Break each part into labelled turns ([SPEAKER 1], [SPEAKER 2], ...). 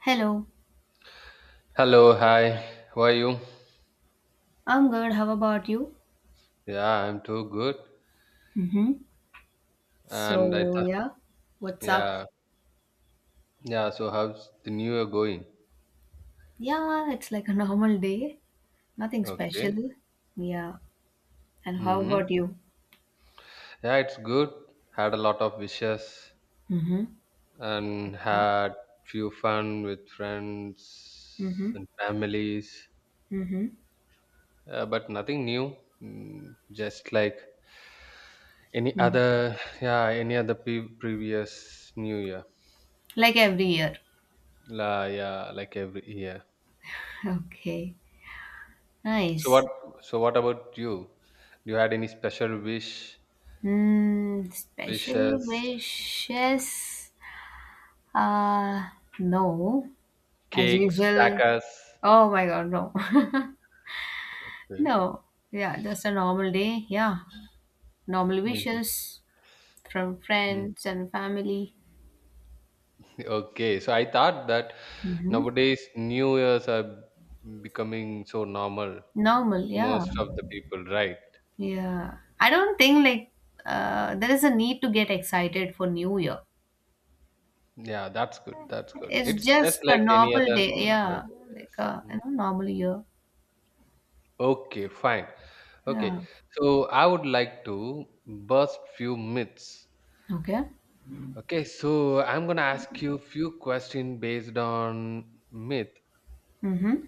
[SPEAKER 1] Hello,
[SPEAKER 2] Hello, hi. How are you?
[SPEAKER 1] I'm good. How about you?
[SPEAKER 2] Yeah, I'm too good.
[SPEAKER 1] Mm-hmm.
[SPEAKER 2] And I
[SPEAKER 1] So,
[SPEAKER 2] thought,
[SPEAKER 1] yeah, what's up?
[SPEAKER 2] yeah, yeah. So how's the new year going?
[SPEAKER 1] Yeah, it's like a normal day, nothing
[SPEAKER 2] Okay.
[SPEAKER 1] special. Yeah, and how
[SPEAKER 2] Mm-hmm.
[SPEAKER 1] about you?
[SPEAKER 2] Yeah, it's good. Had a lot of wishes
[SPEAKER 1] Mm-hmm.
[SPEAKER 2] and
[SPEAKER 1] Okay.
[SPEAKER 2] had few fun with
[SPEAKER 1] Mm-hmm.
[SPEAKER 2] friends and families,
[SPEAKER 1] Mm-hmm.
[SPEAKER 2] but nothing new. Just like any
[SPEAKER 1] Hmm.
[SPEAKER 2] other, yeah, any other previous new year.
[SPEAKER 1] Like every year.
[SPEAKER 2] La, yeah, like every year.
[SPEAKER 1] Okay,
[SPEAKER 2] So
[SPEAKER 1] nice.
[SPEAKER 2] what so what about you? You had any special wish,
[SPEAKER 1] Mm, special
[SPEAKER 2] wishes,
[SPEAKER 1] wishes? Uh, no, as
[SPEAKER 2] cakes,
[SPEAKER 1] usual.
[SPEAKER 2] crackers?
[SPEAKER 1] Oh my god, no.
[SPEAKER 2] Okay.
[SPEAKER 1] No, yeah, just a normal day. Yeah, normal
[SPEAKER 2] Mhm.
[SPEAKER 1] wishes from
[SPEAKER 2] Mm.
[SPEAKER 1] friends and family.
[SPEAKER 2] Okay, so I thought that nowadays New Year's are becoming so normal to
[SPEAKER 1] Normal, yeah.
[SPEAKER 2] most of the people, right?
[SPEAKER 1] Yeah. I don't think there is a need to get excited for New Year.
[SPEAKER 2] Yeah, that's good. That's good.
[SPEAKER 1] It's
[SPEAKER 2] It's just
[SPEAKER 1] just a
[SPEAKER 2] like any
[SPEAKER 1] normal
[SPEAKER 2] other
[SPEAKER 1] day,
[SPEAKER 2] normal
[SPEAKER 1] yeah.
[SPEAKER 2] day.
[SPEAKER 1] Like
[SPEAKER 2] Yes.
[SPEAKER 1] a you
[SPEAKER 2] Mm.
[SPEAKER 1] know normal year.
[SPEAKER 2] Okay, fine.
[SPEAKER 1] Yeah.
[SPEAKER 2] Okay, so I would like to burst few myths.
[SPEAKER 1] Okay.
[SPEAKER 2] Okay, so I'm gonna ask you few questions based on myth.
[SPEAKER 1] Mm-hmm.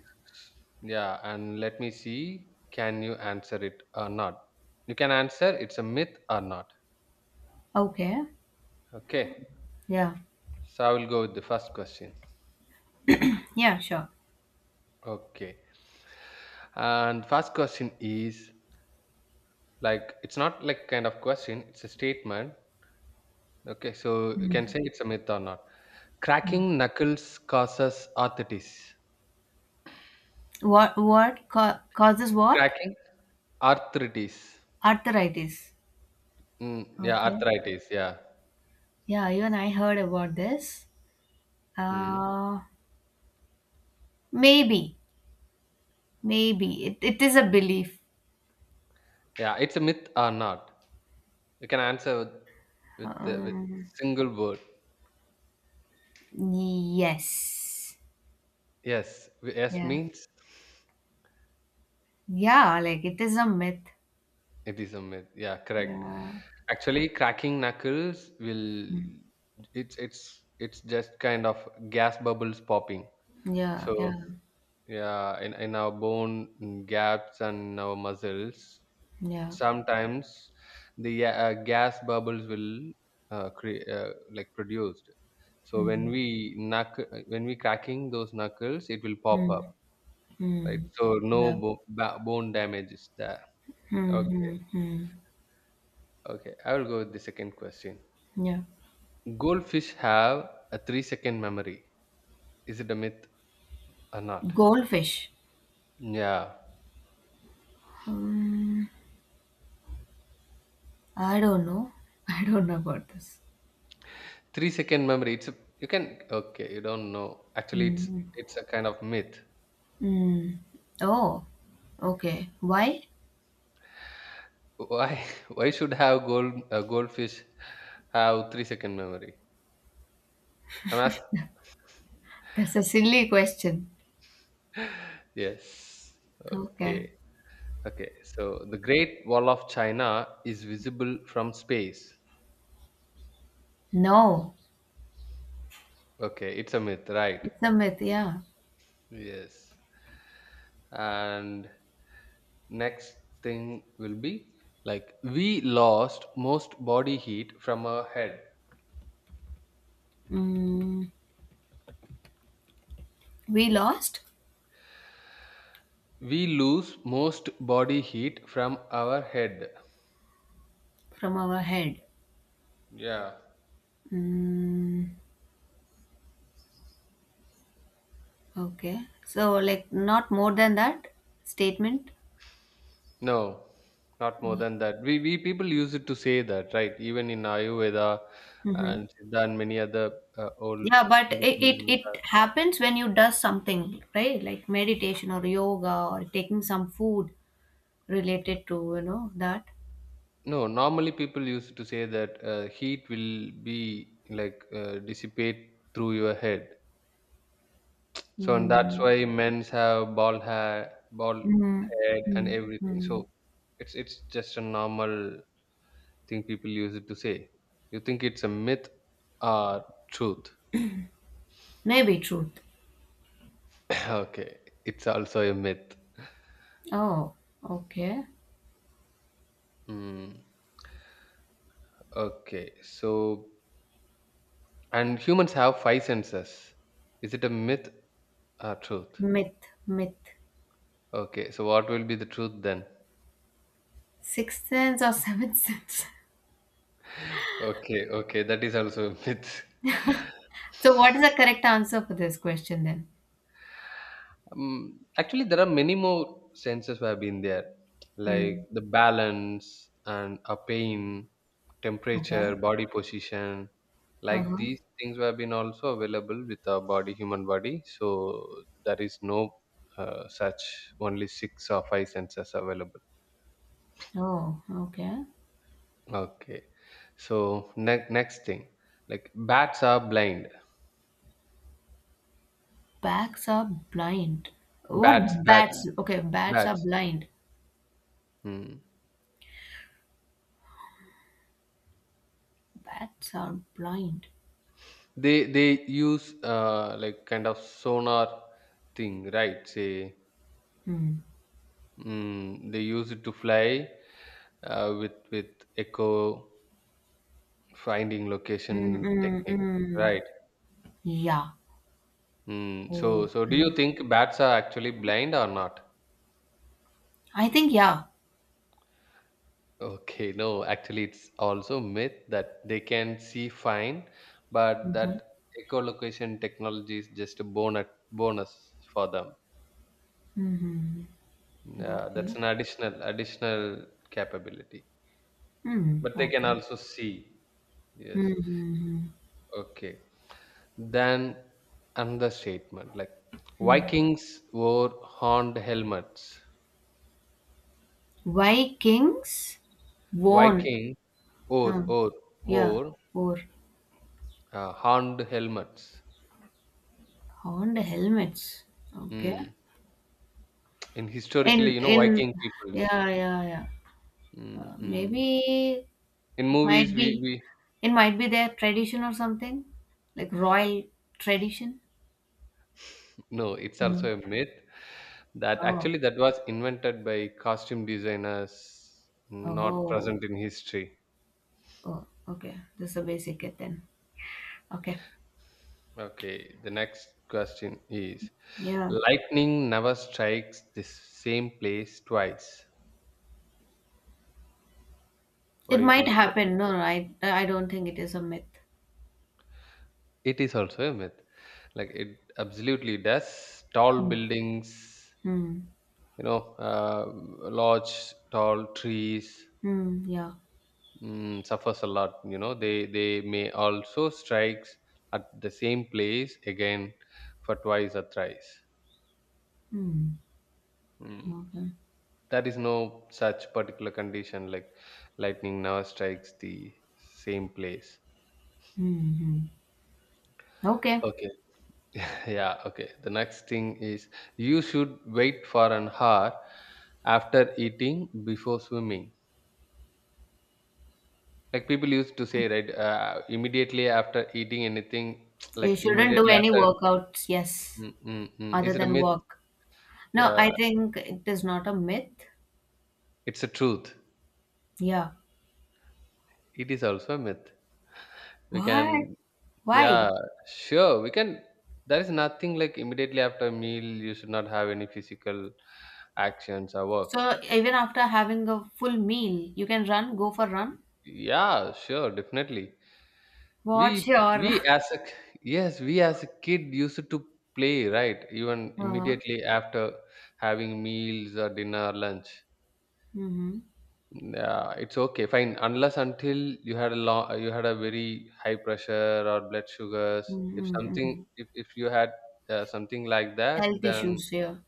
[SPEAKER 2] Yeah, and let me see can you answer it or not. You can answer it's a myth or not.
[SPEAKER 1] Okay.
[SPEAKER 2] Okay.
[SPEAKER 1] Yeah.
[SPEAKER 2] So I will go with the first question.
[SPEAKER 1] Yeah, sure.
[SPEAKER 2] Okay. And first question is like it's not like kind of question, it's a statement. Okay, so you can say it's a myth or not.
[SPEAKER 1] Mm.
[SPEAKER 2] Cracking knuckles causes arthritis.
[SPEAKER 1] What ca causes what?
[SPEAKER 2] Cracking arthritis.
[SPEAKER 1] Arthritis.
[SPEAKER 2] Mm, yeah,
[SPEAKER 1] Okay.
[SPEAKER 2] arthritis, yeah.
[SPEAKER 1] Yeah, you and I heard about this.
[SPEAKER 2] Hmm.
[SPEAKER 1] Uh, maybe, maybe it is a belief.
[SPEAKER 2] Yeah, it's a myth or not. You can answer with
[SPEAKER 1] Um,
[SPEAKER 2] single word.
[SPEAKER 1] yes.
[SPEAKER 2] Yes, yes
[SPEAKER 1] Yeah.
[SPEAKER 2] means
[SPEAKER 1] Yeah, like it is a myth.
[SPEAKER 2] it is a myth. Yeah, correct.
[SPEAKER 1] Yeah.
[SPEAKER 2] Actually, cracking knuckles will it's just kind of gas bubbles popping.
[SPEAKER 1] Yeah, yeah,
[SPEAKER 2] So yeah, in our bone, mm, gaps and our muscles,
[SPEAKER 1] yeah.
[SPEAKER 2] sometimes the gas bubbles will, like, produced. So when
[SPEAKER 1] Mm,
[SPEAKER 2] when we cracking those knuckles it will pop up,
[SPEAKER 1] mm,
[SPEAKER 2] right?
[SPEAKER 1] mm.
[SPEAKER 2] So no
[SPEAKER 1] Yeah.
[SPEAKER 2] bone damage is there.
[SPEAKER 1] Mm,
[SPEAKER 2] Okay,
[SPEAKER 1] mm, mm.
[SPEAKER 2] okay, I will go with the second question.
[SPEAKER 1] Yeah.
[SPEAKER 2] Goldfish have a 3-second memory. Is it a myth or not?
[SPEAKER 1] Goldfish.
[SPEAKER 2] Yeah.
[SPEAKER 1] I don't know. I don't know about this.
[SPEAKER 2] 3-second memory, you can. Okay, you don't know. Actually,
[SPEAKER 1] Mm,
[SPEAKER 2] it's a kind of myth.
[SPEAKER 1] mm. Oh, okay. Why?
[SPEAKER 2] Why why should have goldfish have 3 second memory, I'm asking.
[SPEAKER 1] That's a silly question.
[SPEAKER 2] Yes.
[SPEAKER 1] Okay.
[SPEAKER 2] Okay, okay, so the Great Wall of China is visible from space.
[SPEAKER 1] No,
[SPEAKER 2] Okay, it's a myth, right?
[SPEAKER 1] it's a myth, yeah.
[SPEAKER 2] Yes. And next thing will be like we lost most body heat from our head.
[SPEAKER 1] Mm, we lost
[SPEAKER 2] We lose most body heat from our head.
[SPEAKER 1] from our head.
[SPEAKER 2] Yeah.
[SPEAKER 1] Mm, okay. So like not more than that statement.
[SPEAKER 2] No, not more than that. We people use it to say that, right? Even in Ayurveda
[SPEAKER 1] Mm-hmm.
[SPEAKER 2] and Siddha and many other old
[SPEAKER 1] Yeah, but it, it
[SPEAKER 2] medicine.
[SPEAKER 1] it happens when you does something, right? Like meditation or yoga or taking some food related to, you know, that.
[SPEAKER 2] No, normally people used to say that, heat will be like, dissipate through your head. So and that's
[SPEAKER 1] Mm,
[SPEAKER 2] why men's have bald hair, bald
[SPEAKER 1] mm,
[SPEAKER 2] head, and
[SPEAKER 1] mm,
[SPEAKER 2] everything.
[SPEAKER 1] mm.
[SPEAKER 2] So it's just a normal thing people use it to say. You think it's a myth or truth?
[SPEAKER 1] Maybe truth.
[SPEAKER 2] Okay, it's also a myth.
[SPEAKER 1] Oh, okay.
[SPEAKER 2] Mm, okay. So, and humans have five senses. Is it a myth or truth?
[SPEAKER 1] Myth, myth.
[SPEAKER 2] Okay. So, what will be the truth then?
[SPEAKER 1] Sixth sense or seventh sense?
[SPEAKER 2] Okay. Okay. That is also a myth.
[SPEAKER 1] So what is the correct answer for this question then?
[SPEAKER 2] Actually, there are many more senses where I've been there, like
[SPEAKER 1] Mm.
[SPEAKER 2] the balance and a pain,
[SPEAKER 1] Okay.
[SPEAKER 2] temperature, body position. Like
[SPEAKER 1] Uh-huh.
[SPEAKER 2] these things have been also available with our body, human body. So there is no, such only six or five senses available.
[SPEAKER 1] Oh, okay.
[SPEAKER 2] Okay. So next thing, like bats are blind.
[SPEAKER 1] Bats are blind.
[SPEAKER 2] Bats,
[SPEAKER 1] What
[SPEAKER 2] bats,
[SPEAKER 1] bats? Okay, bats are
[SPEAKER 2] bats.
[SPEAKER 1] blind.
[SPEAKER 2] Hmm.
[SPEAKER 1] Bats are blind.
[SPEAKER 2] They use, like, kind of sonar thing, right? Say,
[SPEAKER 1] Hmm.
[SPEAKER 2] mm, they use it to fly, uh, with echo finding
[SPEAKER 1] Mm,
[SPEAKER 2] location
[SPEAKER 1] mm,
[SPEAKER 2] technique,
[SPEAKER 1] mm.
[SPEAKER 2] right?
[SPEAKER 1] Yeah.
[SPEAKER 2] Mm, so so do you
[SPEAKER 1] Okay.
[SPEAKER 2] think bats are actually blind or not?
[SPEAKER 1] I think yeah.
[SPEAKER 2] Okay, no, actually it's also myth that they can see fine. But
[SPEAKER 1] Mm-hmm.
[SPEAKER 2] that echolocation technology is just a bonus for them.
[SPEAKER 1] Mm-hmm.
[SPEAKER 2] Yeah,
[SPEAKER 1] Okay.
[SPEAKER 2] that's an additional capability.
[SPEAKER 1] Hmm.
[SPEAKER 2] But they can
[SPEAKER 1] Okay.
[SPEAKER 2] also see. Yes.
[SPEAKER 1] Mm-hmm.
[SPEAKER 2] Okay. Then another statement like
[SPEAKER 1] Hmm.
[SPEAKER 2] Vikings wore horned helmets.
[SPEAKER 1] Vikings worn.
[SPEAKER 2] Viking or
[SPEAKER 1] Huh.
[SPEAKER 2] or
[SPEAKER 1] Yeah.
[SPEAKER 2] wore,
[SPEAKER 1] Or
[SPEAKER 2] horned helmets.
[SPEAKER 1] horned helmets. Okay.
[SPEAKER 2] Hmm. And historically,
[SPEAKER 1] In
[SPEAKER 2] you know,
[SPEAKER 1] in
[SPEAKER 2] Viking peoples.
[SPEAKER 1] yeah yeah yeah.
[SPEAKER 2] Mm-mm.
[SPEAKER 1] Maybe,
[SPEAKER 2] In
[SPEAKER 1] it might
[SPEAKER 2] movies, we,
[SPEAKER 1] be
[SPEAKER 2] we
[SPEAKER 1] it might be their tradition or something, like royal tradition.
[SPEAKER 2] no, it's
[SPEAKER 1] No.
[SPEAKER 2] also a myth that
[SPEAKER 1] Oh,
[SPEAKER 2] actually that was invented by costume designers, not
[SPEAKER 1] oh,
[SPEAKER 2] present in history.
[SPEAKER 1] oh, okay. This is a basic it then. Okay,
[SPEAKER 2] Okay, the next question is
[SPEAKER 1] yeah,
[SPEAKER 2] lightning never strikes the same place twice. What
[SPEAKER 1] it
[SPEAKER 2] do you
[SPEAKER 1] might
[SPEAKER 2] think about
[SPEAKER 1] happen. No, no, I don't think it is a myth.
[SPEAKER 2] it? It is also a myth. Like it absolutely does. Tall
[SPEAKER 1] Hmm.
[SPEAKER 2] buildings,
[SPEAKER 1] Hmm.
[SPEAKER 2] you know, large tall trees,
[SPEAKER 1] Hmm. Yeah.
[SPEAKER 2] mm, suffers a lot. You know, they may also strikes at the same place again for twice or thrice.
[SPEAKER 1] Hmm.
[SPEAKER 2] Hmm.
[SPEAKER 1] Okay.
[SPEAKER 2] There is no such particular condition like lightning never strikes the same place.
[SPEAKER 1] Hmm, hmm. Okay.
[SPEAKER 2] Okay. Yeah, okay, the next thing is you should wait for an hour after eating before swimming, like people used to say, right? Immediately after eating anything,
[SPEAKER 1] You
[SPEAKER 2] like
[SPEAKER 1] shouldn't do
[SPEAKER 2] immediately
[SPEAKER 1] any
[SPEAKER 2] after,
[SPEAKER 1] workouts, yes,
[SPEAKER 2] mm, mm, mm,
[SPEAKER 1] other
[SPEAKER 2] is it a
[SPEAKER 1] than
[SPEAKER 2] myth?
[SPEAKER 1] walk. No, I
[SPEAKER 2] Yeah,
[SPEAKER 1] think it is not a myth.
[SPEAKER 2] it's a truth.
[SPEAKER 1] Yeah.
[SPEAKER 2] It is also a myth. We
[SPEAKER 1] What?
[SPEAKER 2] can. Yeah,
[SPEAKER 1] Why?
[SPEAKER 2] sure. We can. There is nothing like immediately after a meal, you should not have any physical actions or work.
[SPEAKER 1] So even after having a full meal, you can run, go for run?
[SPEAKER 2] Yeah, sure, definitely.
[SPEAKER 1] What's your
[SPEAKER 2] We as a yes, we as a kid used to play, right? Even immediately after having meals or dinner, lunch.
[SPEAKER 1] mm-hmm,
[SPEAKER 2] Yeah, it's okay, fine. Unless until you had a long, you had a very high pressure or blood sugars. If something,
[SPEAKER 1] mm-hmm,
[SPEAKER 2] if you had, something like
[SPEAKER 1] health
[SPEAKER 2] that, then,
[SPEAKER 1] issues here?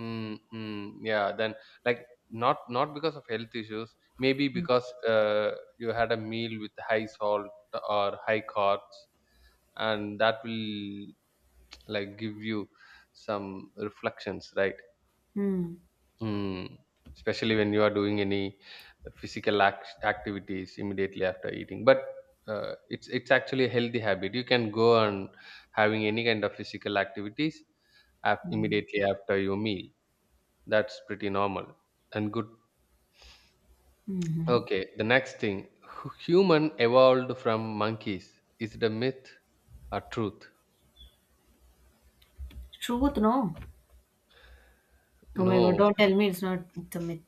[SPEAKER 2] mm, mm, yeah, then, like, not not because of health issues, maybe because, you had a meal with high salt or high carbs, and that will like give you some reflections, right?
[SPEAKER 1] Mm-hmm.
[SPEAKER 2] Mm. Especially when you are doing any activities immediately after eating, but, it's actually a healthy habit. You can go on having any kind of physical activities immediately after your meal. That's pretty normal and good.
[SPEAKER 1] Mm-hmm.
[SPEAKER 2] Okay, the next thing, human evolved from monkeys. Is it a myth or truth?
[SPEAKER 1] Truth, no. Oh my God,
[SPEAKER 2] No.
[SPEAKER 1] don't tell me it's not, it's a myth.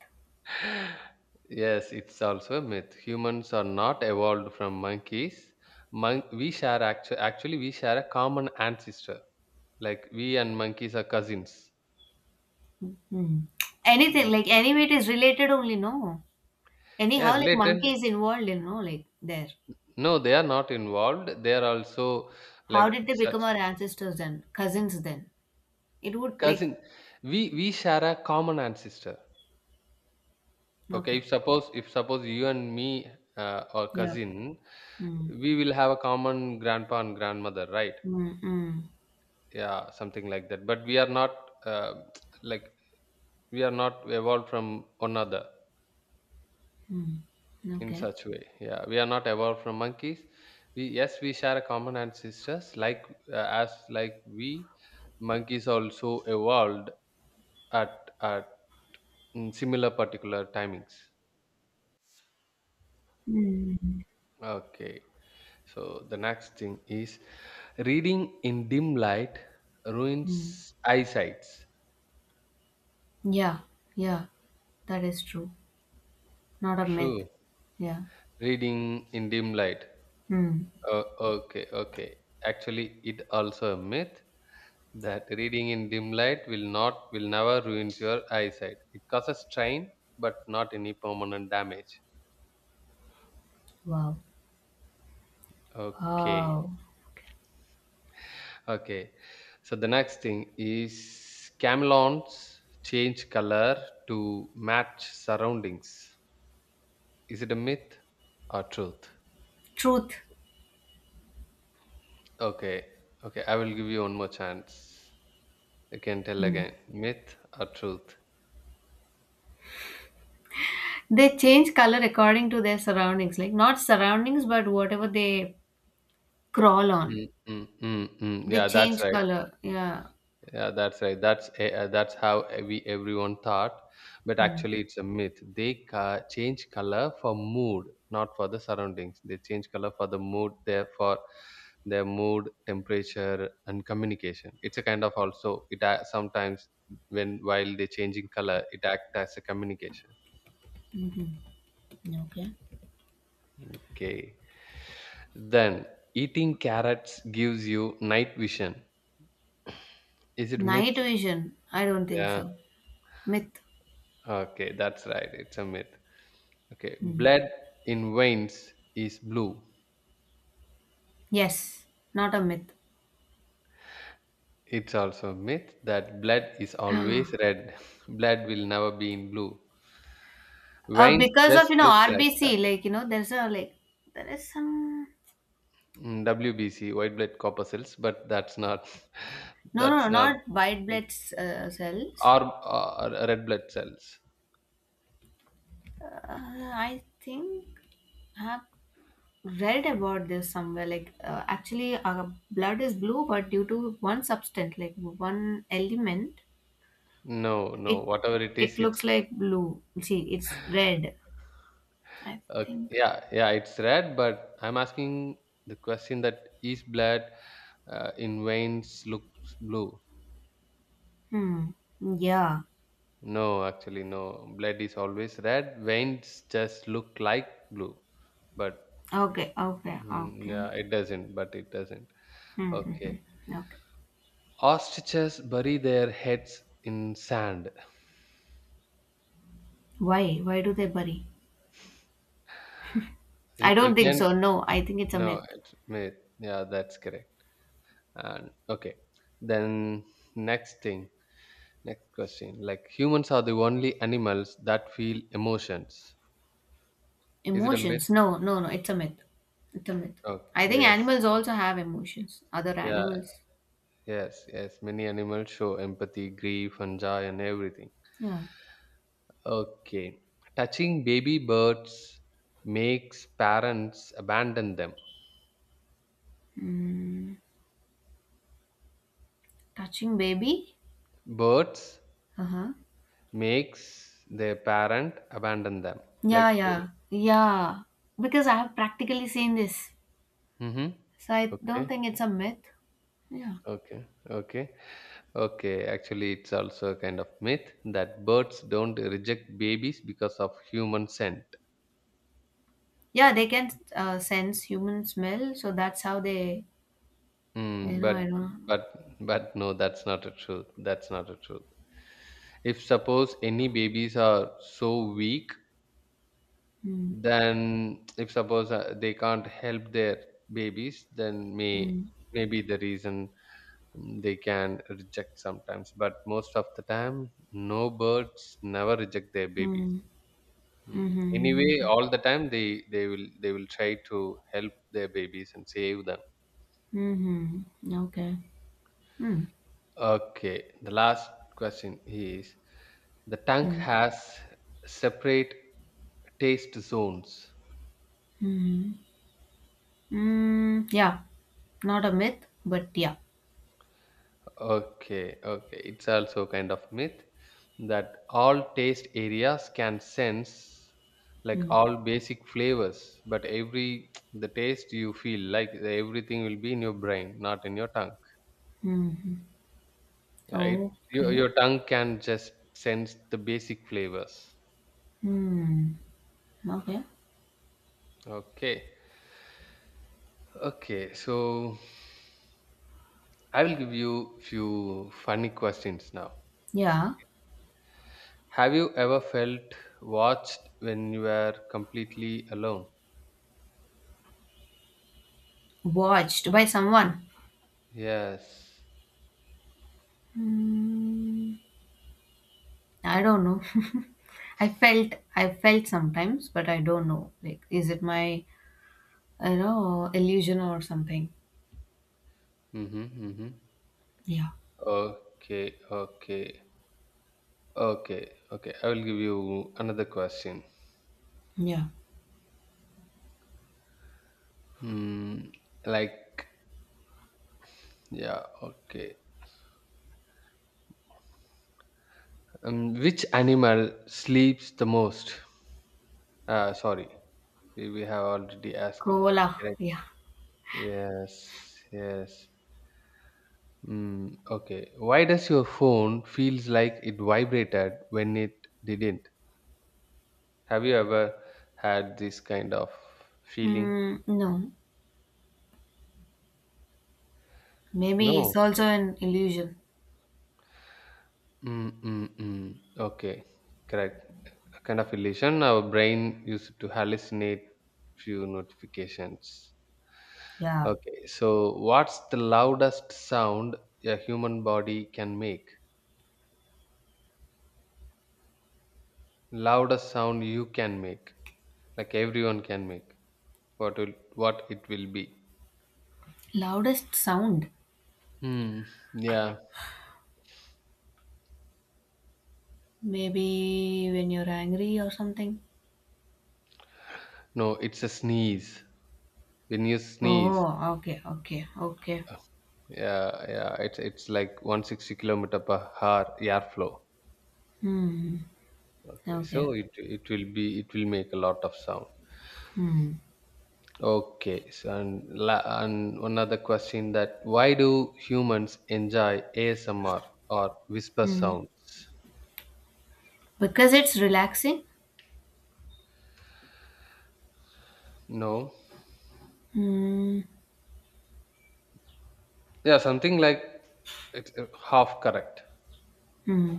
[SPEAKER 2] Yes, it's also a myth. Humans are not evolved from monkeys. Actually we share a common ancestor. Like we and monkeys are cousins.
[SPEAKER 1] Hmm. Anything, like anyway, it is related only, no.
[SPEAKER 2] Yeah,
[SPEAKER 1] Anyhow, like monkey
[SPEAKER 2] related.
[SPEAKER 1] is involved in, no, like there.
[SPEAKER 2] No, they are not involved. They are also
[SPEAKER 1] How
[SPEAKER 2] like
[SPEAKER 1] did they
[SPEAKER 2] such
[SPEAKER 1] become our ancestors then? Cousins then? It would like,
[SPEAKER 2] cousin. We share a common ancestor. Okay,
[SPEAKER 1] okay.
[SPEAKER 2] if suppose you and me, or
[SPEAKER 1] Yeah.
[SPEAKER 2] cousin,
[SPEAKER 1] Mm.
[SPEAKER 2] we will have a common grandpa and grandmother, right?
[SPEAKER 1] Mm-mm.
[SPEAKER 2] Yeah, something like that. But we are not, uh, like we are not evolved from one another
[SPEAKER 1] Mm.
[SPEAKER 2] in
[SPEAKER 1] Okay.
[SPEAKER 2] such way. Yeah, we are not evolved from monkeys. We share a common ancestors, like, uh, as like we monkeys also evolved at mm, similar particular timings.
[SPEAKER 1] Mm.
[SPEAKER 2] Okay. So the next thing is reading in dim light
[SPEAKER 1] Mm.
[SPEAKER 2] ruins eyesight.
[SPEAKER 1] Yeah, yeah, that is true. Not a myth.
[SPEAKER 2] True.
[SPEAKER 1] Yeah.
[SPEAKER 2] Reading in dim light.
[SPEAKER 1] Hmm.
[SPEAKER 2] Okay, okay. Actually, it also a myth that reading in dim light will never ruins your eyesight. It causes strain, but not any permanent damage.
[SPEAKER 1] Wow.
[SPEAKER 2] Okay,
[SPEAKER 1] Wow.
[SPEAKER 2] okay. So the next thing is camelons change color to match surroundings. Is it a myth or truth?
[SPEAKER 1] Truth.
[SPEAKER 2] Okay, okay, I will give you one more chance. You can tell
[SPEAKER 1] Hmm.
[SPEAKER 2] again. Myth or truth?
[SPEAKER 1] They change color according to their surroundings, like not surroundings, but whatever they crawl on.
[SPEAKER 2] Mm, mm, mm, mm.
[SPEAKER 1] They
[SPEAKER 2] Yeah, that's
[SPEAKER 1] change
[SPEAKER 2] right.
[SPEAKER 1] color. Yeah.
[SPEAKER 2] Yeah, that's right. That's how we everyone thought, but
[SPEAKER 1] Hmm.
[SPEAKER 2] actually it's a myth. Change color for mood, not for the surroundings. They change color for the mood, therefore their mood, temperature, and communication. It's a kind of sometimes when, while they changing color, it act as a communication.
[SPEAKER 1] Okay.
[SPEAKER 2] Okay. Then eating carrots gives you night vision. Is it myth?
[SPEAKER 1] Night vision. I don't think
[SPEAKER 2] Yeah.
[SPEAKER 1] so. Myth.
[SPEAKER 2] Okay, that's right. It's a myth. Okay.
[SPEAKER 1] Hmm.
[SPEAKER 2] Blood in veins is blue.
[SPEAKER 1] Yes, not a myth.
[SPEAKER 2] It's also a myth that blood is always red. Blood will never be in blue. Veins
[SPEAKER 1] Because
[SPEAKER 2] just
[SPEAKER 1] of you know
[SPEAKER 2] look like
[SPEAKER 1] RBC,
[SPEAKER 2] that.
[SPEAKER 1] like you know, there's a like there is some,
[SPEAKER 2] Mm, WBC, white blood corpuscles, but that's not,
[SPEAKER 1] no no no,
[SPEAKER 2] that's not,
[SPEAKER 1] not white blood cells.
[SPEAKER 2] or red blood cells.
[SPEAKER 1] Uh, I think I've read about this somewhere. Like actually, our blood is blue, but due to one substance, like one element,
[SPEAKER 2] No, no.
[SPEAKER 1] it
[SPEAKER 2] Whatever it
[SPEAKER 1] it
[SPEAKER 2] is,
[SPEAKER 1] looks
[SPEAKER 2] it's,
[SPEAKER 1] like blue. See, it's red. I
[SPEAKER 2] okay.
[SPEAKER 1] think.
[SPEAKER 2] Yeah, yeah, it's red, but I'm asking the question that is blood, in veins looks blue?
[SPEAKER 1] Hmm. Yeah.
[SPEAKER 2] No, actually, no. Blood is always red. Veins just look like blue, but,
[SPEAKER 1] Okay. Okay.
[SPEAKER 2] mm,
[SPEAKER 1] Okay.
[SPEAKER 2] yeah, it doesn't. But it doesn't.
[SPEAKER 1] Hmm, mhm.
[SPEAKER 2] Okay.
[SPEAKER 1] Okay.
[SPEAKER 2] Ostriches bury their heads in sand.
[SPEAKER 1] Why? Why do they bury? I
[SPEAKER 2] You,
[SPEAKER 1] don't
[SPEAKER 2] you
[SPEAKER 1] think
[SPEAKER 2] can
[SPEAKER 1] so. No, I think it's a
[SPEAKER 2] no,
[SPEAKER 1] myth.
[SPEAKER 2] it's myth. Yeah, that's correct. And okay, then next thing. Next question. Like humans are the only animals that feel emotions. Is it a myth?
[SPEAKER 1] Emotions? No, no, no. It's a myth. It's a myth.
[SPEAKER 2] Oh,
[SPEAKER 1] I think
[SPEAKER 2] yes.
[SPEAKER 1] animals also have emotions. Other
[SPEAKER 2] Yeah,
[SPEAKER 1] animals.
[SPEAKER 2] yes, yes. Many animals show empathy, grief, and joy, and everything.
[SPEAKER 1] Yeah.
[SPEAKER 2] Okay. Touching baby birds makes parents abandon them.
[SPEAKER 1] Mm, touching baby.
[SPEAKER 2] Birds
[SPEAKER 1] Uh huh.
[SPEAKER 2] makes their parent abandon them.
[SPEAKER 1] Yeah,
[SPEAKER 2] Like when.
[SPEAKER 1] yeah, yeah. Because I have practically seen this,
[SPEAKER 2] Mm-hmm.
[SPEAKER 1] so I don't
[SPEAKER 2] Okay.
[SPEAKER 1] think it's a myth. Yeah.
[SPEAKER 2] Okay. Okay. Okay, actually, it's also a kind of myth that birds don't reject babies because of human scent.
[SPEAKER 1] Yeah, they can sense human smell, so that's how they. You
[SPEAKER 2] Mm,
[SPEAKER 1] know.
[SPEAKER 2] but
[SPEAKER 1] I don't.
[SPEAKER 2] but no, that's not a truth. That's not a truth. If suppose any babies are so weak,
[SPEAKER 1] Know. Mm,
[SPEAKER 2] then if suppose, they can't help their babies, then may
[SPEAKER 1] mm,
[SPEAKER 2] maybe the reason, mm, they can reject sometimes. But most of the time, no birds never reject their baby.
[SPEAKER 1] mm,
[SPEAKER 2] Mm.
[SPEAKER 1] mm-hmm,
[SPEAKER 2] Anyway, all the time they will they will try to help their babies and save them.
[SPEAKER 1] mm-hmm, mm-hmm. Okay. Mm,
[SPEAKER 2] Okay, the last question is the tongue
[SPEAKER 1] mm.
[SPEAKER 2] has separate taste zones.
[SPEAKER 1] Mm. Mm, yeah, not a myth, but yeah.
[SPEAKER 2] Okay, okay, it's also kind of myth that all taste areas can sense like
[SPEAKER 1] Mm,
[SPEAKER 2] all basic flavors, but every the taste you feel like everything will be in your brain, not in your tongue.
[SPEAKER 1] hmm.
[SPEAKER 2] Yeah, it your
[SPEAKER 1] Okay.
[SPEAKER 2] your tongue can just sense the basic flavors.
[SPEAKER 1] Hmm. Okay.
[SPEAKER 2] Okay. Okay, so I will give you few funny questions now.
[SPEAKER 1] Yeah.
[SPEAKER 2] Have you ever felt watched when you were completely alone?
[SPEAKER 1] Watched by someone.
[SPEAKER 2] Yes.
[SPEAKER 1] I don't know. I felt sometimes, but I don't know. Like, is it my I know illusion or something?
[SPEAKER 2] Mm-hmm. Mm-hmm.
[SPEAKER 1] Yeah.
[SPEAKER 2] Okay, okay, okay. I will give you another question.
[SPEAKER 1] Yeah.
[SPEAKER 2] Hmm, like, yeah, okay. Which animal sleeps the most? Sorry. We have already asked it.
[SPEAKER 1] Cola.
[SPEAKER 2] Correct.
[SPEAKER 1] Yeah.
[SPEAKER 2] Yes, yes. Mm, okay. Why does your phone feels like it vibrated when it didn't? Have you ever had this kind of feeling?
[SPEAKER 1] Mm, no. Maybe
[SPEAKER 2] No.
[SPEAKER 1] it's also an illusion.
[SPEAKER 2] Mm. Okay. Correct. A kind of illusion. Our brain used to hallucinate few notifications.
[SPEAKER 1] Yeah.
[SPEAKER 2] Okay. So, what's the loudest sound a human body can make? Loudest sound you can make, like everyone can make, what will what it will be?
[SPEAKER 1] Loudest sound.
[SPEAKER 2] Hmm. Yeah.
[SPEAKER 1] Maybe when you're angry or something.
[SPEAKER 2] No, it's a sneeze. When you sneeze,
[SPEAKER 1] Oh, okay, okay, okay.
[SPEAKER 2] uh, yeah, yeah, it's like 160 kilometer per hour airflow.
[SPEAKER 1] Hmm.
[SPEAKER 2] Okay, so
[SPEAKER 1] Okay.
[SPEAKER 2] it will be, it will make a lot of sound.
[SPEAKER 1] Hmm.
[SPEAKER 2] Okay, so and another question, that why do humans enjoy asmr or whisper
[SPEAKER 1] Hmm.
[SPEAKER 2] sounds?
[SPEAKER 1] Because it's relaxing.
[SPEAKER 2] No.
[SPEAKER 1] Hmm.
[SPEAKER 2] Yeah, something like, it's half correct.
[SPEAKER 1] Hmm.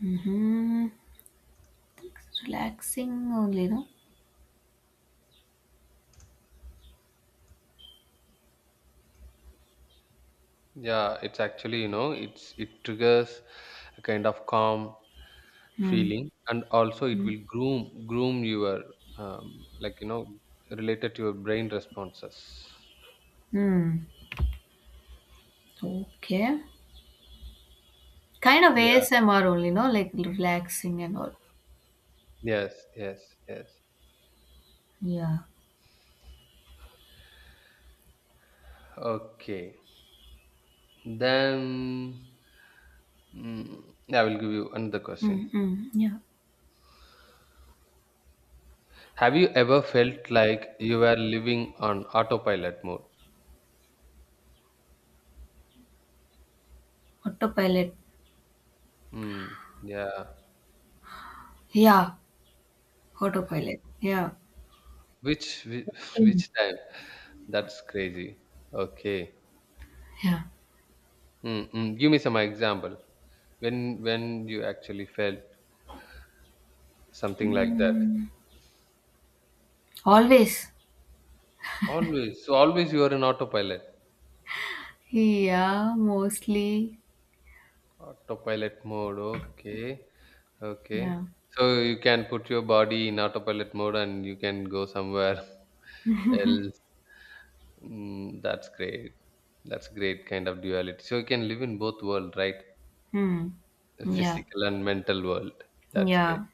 [SPEAKER 1] Hmm. It's relaxing only, no.
[SPEAKER 2] Yeah, it's actually, you know, it triggers a kind of calm
[SPEAKER 1] Hmm.
[SPEAKER 2] feeling, and also it
[SPEAKER 1] Hmm.
[SPEAKER 2] will groom your like, you know, related to your brain responses.
[SPEAKER 1] Hmm. Okay. Kind of
[SPEAKER 2] Yeah.
[SPEAKER 1] ASMR only, no, like relaxing and all.
[SPEAKER 2] Yes. Yes. Yes.
[SPEAKER 1] Yeah.
[SPEAKER 2] Okay. Then yeah, I will give you another question.
[SPEAKER 1] Mm, mm, yeah.
[SPEAKER 2] Have you ever felt like you were living on autopilot mode?
[SPEAKER 1] Autopilot.
[SPEAKER 2] Hmm. Yeah.
[SPEAKER 1] Yeah. Autopilot. Yeah.
[SPEAKER 2] Which
[SPEAKER 1] Mm.
[SPEAKER 2] which time? That's crazy. Okay.
[SPEAKER 1] Yeah.
[SPEAKER 2] Mm, mm. Give me some example. When you actually felt something like that.
[SPEAKER 1] Always.
[SPEAKER 2] Always. So always you are in autopilot.
[SPEAKER 1] Yeah, mostly.
[SPEAKER 2] Autopilot mode. Okay. Okay.
[SPEAKER 1] Yeah.
[SPEAKER 2] So you can put your body in autopilot mode and you can go somewhere else. Mm, that's great. That's great kind of duality. So you can live in both world, right?
[SPEAKER 1] Hmm.
[SPEAKER 2] The
[SPEAKER 1] Yeah.
[SPEAKER 2] physical and mental world. That's great.
[SPEAKER 1] Yeah.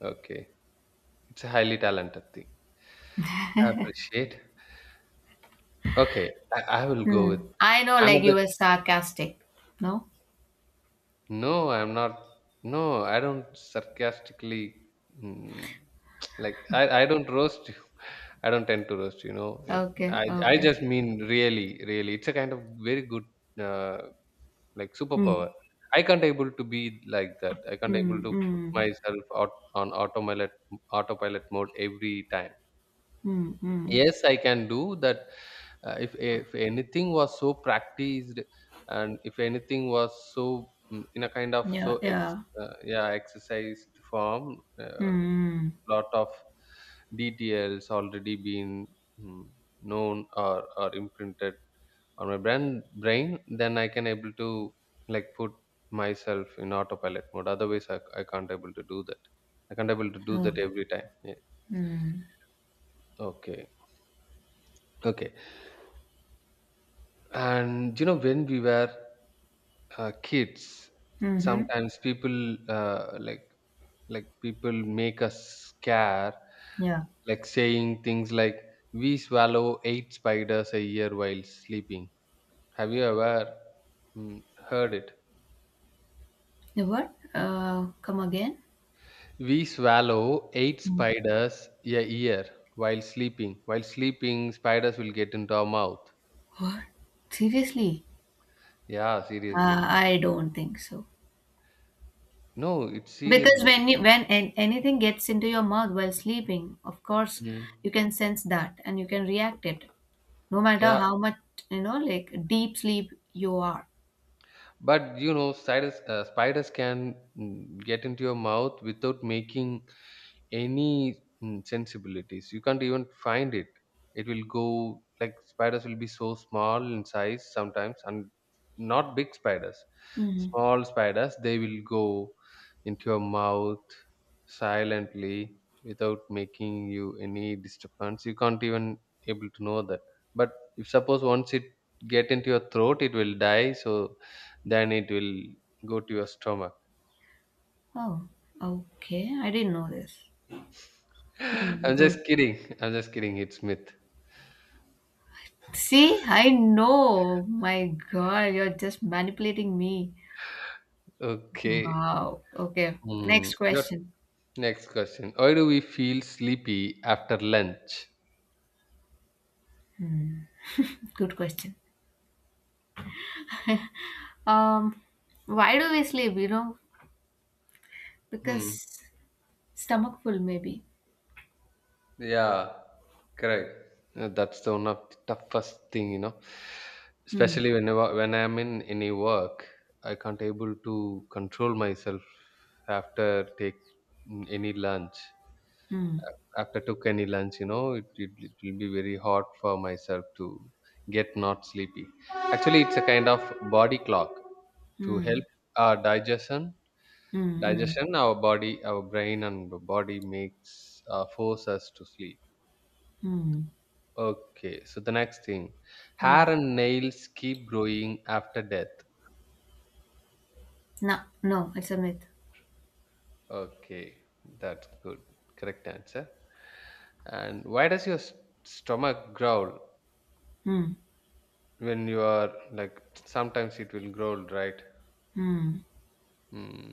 [SPEAKER 2] Okay. It's a highly talented thing. I appreciate. Okay, I will go
[SPEAKER 1] Hmm.
[SPEAKER 2] with
[SPEAKER 1] I know like you
[SPEAKER 2] another.
[SPEAKER 1] were sarcastic. No?
[SPEAKER 2] No, I'm not. No, I don't sarcastically, mm, like I don't roast you. I don't tend to roast, you know. It,
[SPEAKER 1] Okay.
[SPEAKER 2] I
[SPEAKER 1] Okay.
[SPEAKER 2] just mean really, really. It's a kind of very good uh, like
[SPEAKER 1] Hmm.
[SPEAKER 2] superpower. I can't able to be like that. I can't
[SPEAKER 1] Hmm.
[SPEAKER 2] able to put
[SPEAKER 1] Hmm.
[SPEAKER 2] myself out on autopilot mode every time.
[SPEAKER 1] Hmm. Hmm.
[SPEAKER 2] Yes, I can do that. If anything was so practiced, and if anything was so in a kind of
[SPEAKER 1] Yeah.
[SPEAKER 2] so
[SPEAKER 1] Yeah.
[SPEAKER 2] yeah, exercised form,
[SPEAKER 1] Hmm.
[SPEAKER 2] lot of details already been mm, known or imprinted on my brain, then I can able to like put myself in autopilot mode. Otherwise, I can't able to do that. I can't able to do
[SPEAKER 1] Oh.
[SPEAKER 2] that every time. Yeah.
[SPEAKER 1] Hmm.
[SPEAKER 2] Okay. Okay. And you know, when we were kids,
[SPEAKER 1] Mm-hmm.
[SPEAKER 2] sometimes people like people make us scare,
[SPEAKER 1] Yeah.
[SPEAKER 2] like saying things like "We swallow eight spiders a year while sleeping." Have you ever mm, heard it?
[SPEAKER 1] The what? Come again?
[SPEAKER 2] We swallow eight spiders a year while sleeping. While sleeping, spiders will get into our mouth.
[SPEAKER 1] What? Seriously?
[SPEAKER 2] Yeah, seriously.
[SPEAKER 1] I don't think so.
[SPEAKER 2] No, it's
[SPEAKER 1] Because
[SPEAKER 2] seriously.
[SPEAKER 1] when you, anything gets into your mouth while sleeping, of course
[SPEAKER 2] Mm.
[SPEAKER 1] you can sense that and you can react it, no matter
[SPEAKER 2] Yeah,
[SPEAKER 1] how much you know, like deep sleep you are.
[SPEAKER 2] but you know spiders spiders can get into your mouth without making any sensibilities, you can't even find it, it will go like, spiders will be so small in size sometimes, and not big spiders,
[SPEAKER 1] Mhm.
[SPEAKER 2] small spiders, they will go into your mouth silently without making you any disturbance, you can't even able to know that. But if suppose once it get into your throat it will die, so then it will go to your stomach.
[SPEAKER 1] Oh, okay. I didn't know this. Hmm,
[SPEAKER 2] I'm
[SPEAKER 1] good.
[SPEAKER 2] just kidding. I'm just kidding. It's myth.
[SPEAKER 1] See, I know. My God, you're just manipulating me.
[SPEAKER 2] Okay.
[SPEAKER 1] Wow. Okay.
[SPEAKER 2] Hmm.
[SPEAKER 1] Next
[SPEAKER 2] Your
[SPEAKER 1] question.
[SPEAKER 2] next question. Why do we feel sleepy after lunch?
[SPEAKER 1] Hmm. Good question. Um, why do we sleep? You know,
[SPEAKER 2] Hmm.
[SPEAKER 1] because stomach full maybe.
[SPEAKER 2] Yeah. Correct. That's the one of the toughest thing, you know.
[SPEAKER 1] Hmm.
[SPEAKER 2] Especially whenever when I'm in any work, I can't able to control myself after take any lunch.
[SPEAKER 1] Mm,
[SPEAKER 2] After took any lunch, you know it, it, it will be very hard for myself to get not sleepy. Actually it's a kind of body clock to help
[SPEAKER 1] mm,
[SPEAKER 2] our digestion.
[SPEAKER 1] mm, mm,
[SPEAKER 2] Digestion, our body, our brain and the body makes, force us to sleep.
[SPEAKER 1] mm.
[SPEAKER 2] Okay, so the next thing:
[SPEAKER 1] Yeah.
[SPEAKER 2] hair and nails keep growing after death.
[SPEAKER 1] No, no, it's a myth.
[SPEAKER 2] Okay, that's good, correct answer. And why does your stomach growl
[SPEAKER 1] Mm,
[SPEAKER 2] when you are like, sometimes it will growl, right?
[SPEAKER 1] mm.
[SPEAKER 2] Hmm.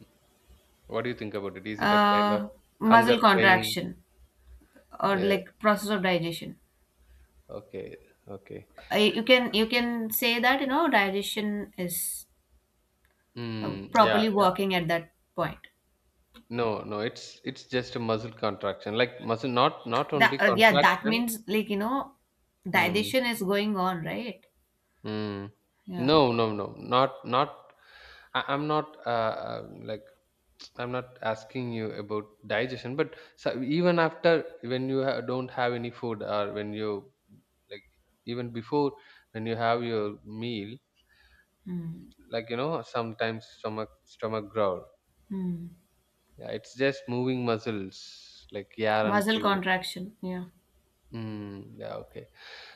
[SPEAKER 2] What do you think about it, is it a kind of
[SPEAKER 1] Uh,
[SPEAKER 2] hunger
[SPEAKER 1] muscle
[SPEAKER 2] crying?
[SPEAKER 1] contraction or
[SPEAKER 2] Yes.
[SPEAKER 1] like process of digestion.
[SPEAKER 2] Okay, okay.
[SPEAKER 1] I you can say that you know digestion is
[SPEAKER 2] Mm, yeah,
[SPEAKER 1] properly
[SPEAKER 2] yeah.
[SPEAKER 1] working at that point.
[SPEAKER 2] No, no, it's just a muscle contraction. Like muscle, not not
[SPEAKER 1] That
[SPEAKER 2] only
[SPEAKER 1] yeah, that
[SPEAKER 2] contraction.
[SPEAKER 1] means like you know
[SPEAKER 2] Mm,
[SPEAKER 1] digestion is going on, right?
[SPEAKER 2] mm.
[SPEAKER 1] Yeah.
[SPEAKER 2] No, no, no. Not not, I'm not like, I'm not asking you about digestion, but so even after when you don't have any food, or when you like, even before when you have your meal,
[SPEAKER 1] Mm,
[SPEAKER 2] like you know, sometimes stomach growl.
[SPEAKER 1] mm.
[SPEAKER 2] Yeah, it's just moving muscles like air and
[SPEAKER 1] Muscle
[SPEAKER 2] fluids.
[SPEAKER 1] contraction. Yeah.
[SPEAKER 2] Mm, yeah, okay.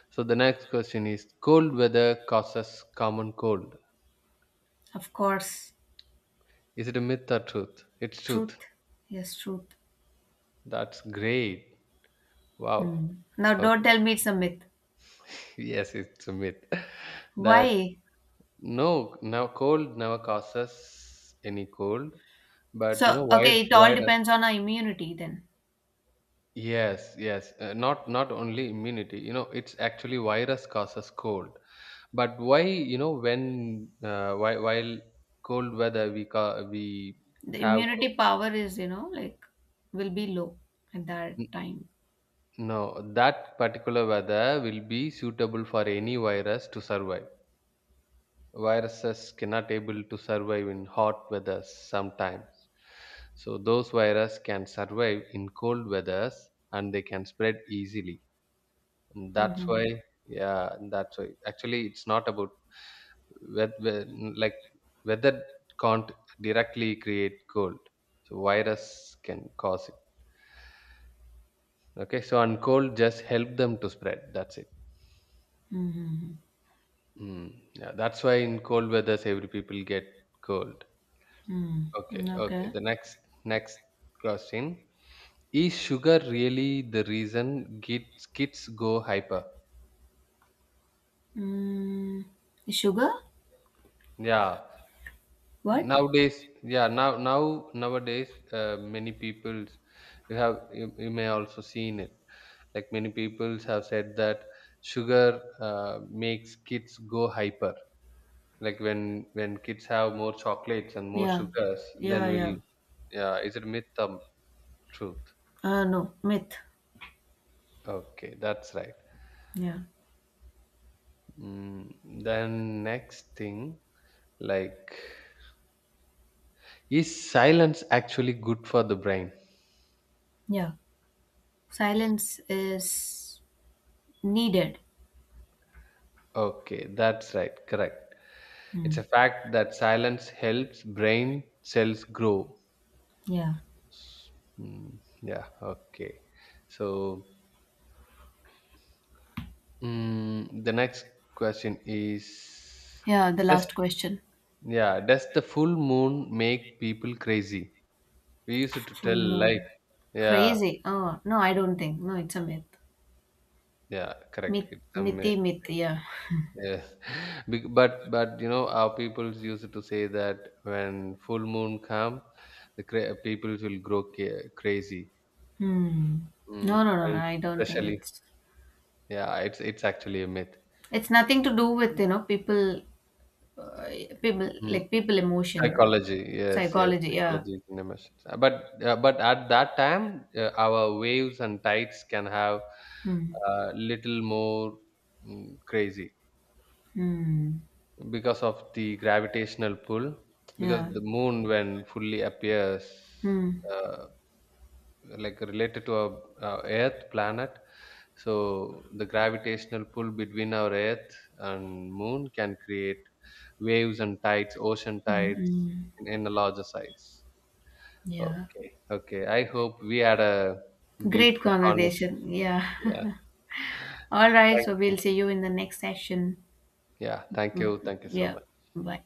[SPEAKER 2] So the next question is: cold weather causes common cold.
[SPEAKER 1] Of course.
[SPEAKER 2] Is it a myth or truth? It's truth.
[SPEAKER 1] Truth. Yes, truth.
[SPEAKER 2] That's great. Wow.
[SPEAKER 1] Hmm. Now,
[SPEAKER 2] Okay.
[SPEAKER 1] don't tell me it's a myth.
[SPEAKER 2] Yes, it's a myth. That.
[SPEAKER 1] Why?
[SPEAKER 2] No, now cold never causes any cold, but you
[SPEAKER 1] So,
[SPEAKER 2] know virus
[SPEAKER 1] okay, it all
[SPEAKER 2] virus.
[SPEAKER 1] depends on our immunity then.
[SPEAKER 2] Yes, yes. Not not only immunity. You know, it's actually virus causes cold. But why you know when while cold weather we
[SPEAKER 1] The
[SPEAKER 2] have co-
[SPEAKER 1] immunity power is, you know, like will be low at that
[SPEAKER 2] n-
[SPEAKER 1] time.
[SPEAKER 2] no, that particular weather will be suitable for any virus to survive. Viruses cannot able to survive in hot weathers sometimes, so those virus can survive in cold weathers and they can spread easily, and that's why,
[SPEAKER 1] Mm-hmm.
[SPEAKER 2] yeah, and that's why actually it's not about whe- like weather can't directly create cold, so virus can cause it. Okay, so and cold just help them to spread, that's it.
[SPEAKER 1] Mm-hmm.
[SPEAKER 2] Mm. Yeah, that's why in cold weathers every people get cold.
[SPEAKER 1] Mm-hmm.
[SPEAKER 2] Okay,
[SPEAKER 1] Mm-hmm.
[SPEAKER 2] okay.
[SPEAKER 1] Okay.
[SPEAKER 2] The next question. Is sugar really the reason kids go hyper?
[SPEAKER 1] Mm. Sugar?
[SPEAKER 2] Yeah.
[SPEAKER 1] What?
[SPEAKER 2] Nowadays, yeah, now now nowadays many people, you have you may also seen it. Like many people have said that sugar makes kids go hyper. Like when kids have more chocolates and more
[SPEAKER 1] Yeah.
[SPEAKER 2] sugars,
[SPEAKER 1] Yeah,
[SPEAKER 2] then will,
[SPEAKER 1] yeah.
[SPEAKER 2] yeah, is it myth or truth?
[SPEAKER 1] No, myth.
[SPEAKER 2] Okay, that's right.
[SPEAKER 1] Yeah.
[SPEAKER 2] Mm, then next thing, like, is silence actually good for the brain?
[SPEAKER 1] Yeah. Silence is needed.
[SPEAKER 2] Okay, that's right, correct.
[SPEAKER 1] Hmm.
[SPEAKER 2] It's a fact that silence helps brain cells grow.
[SPEAKER 1] Yeah.
[SPEAKER 2] S- yeah, okay. So the next question is,
[SPEAKER 1] Yeah, the
[SPEAKER 2] does,
[SPEAKER 1] last question.
[SPEAKER 2] yeah, does the full moon make people crazy? We used to tell
[SPEAKER 1] Full
[SPEAKER 2] like,
[SPEAKER 1] moon.
[SPEAKER 2] yeah,
[SPEAKER 1] Crazy. Oh, no, I don't think. No, it's a myth.
[SPEAKER 2] yeah, correct.
[SPEAKER 1] Myth,
[SPEAKER 2] It's a
[SPEAKER 1] mythy
[SPEAKER 2] myth.
[SPEAKER 1] myth, yeah.
[SPEAKER 2] Yes, But you know our peoples used to say that when full moon come, the peoples will grow crazy,
[SPEAKER 1] Hmm. No, no, no, no,
[SPEAKER 2] and
[SPEAKER 1] I don't think
[SPEAKER 2] especially,
[SPEAKER 1] it's.
[SPEAKER 2] yeah, it's actually a myth.
[SPEAKER 1] It's nothing to do with, you know, people, uh, people,
[SPEAKER 2] Mm.
[SPEAKER 1] like people emotion,
[SPEAKER 2] Psychology, yes, yes,
[SPEAKER 1] psychology, yeah.
[SPEAKER 2] psychology is an emotion. But but at that time, our waves and tides can have
[SPEAKER 1] Hmm.
[SPEAKER 2] a little more crazy
[SPEAKER 1] Hmm.
[SPEAKER 2] because of the gravitational pull. Because
[SPEAKER 1] Yeah.
[SPEAKER 2] the moon, when fully appears.
[SPEAKER 1] Hmm.
[SPEAKER 2] Uh, like related to our earth planet, so the gravitational pull between our earth and moon can create waves and tides, ocean tides,
[SPEAKER 1] Mm-mm.
[SPEAKER 2] in a larger size.
[SPEAKER 1] Yeah.
[SPEAKER 2] Okay, okay, I hope we had a
[SPEAKER 1] Great
[SPEAKER 2] beautiful conversation.
[SPEAKER 1] conversation. Yeah.
[SPEAKER 2] Yeah,
[SPEAKER 1] All right.
[SPEAKER 2] thank
[SPEAKER 1] So
[SPEAKER 2] you,
[SPEAKER 1] we'll see you in the next session.
[SPEAKER 2] yeah, thank
[SPEAKER 1] Mm,
[SPEAKER 2] you, thank you so
[SPEAKER 1] yeah.
[SPEAKER 2] much.
[SPEAKER 1] Bye.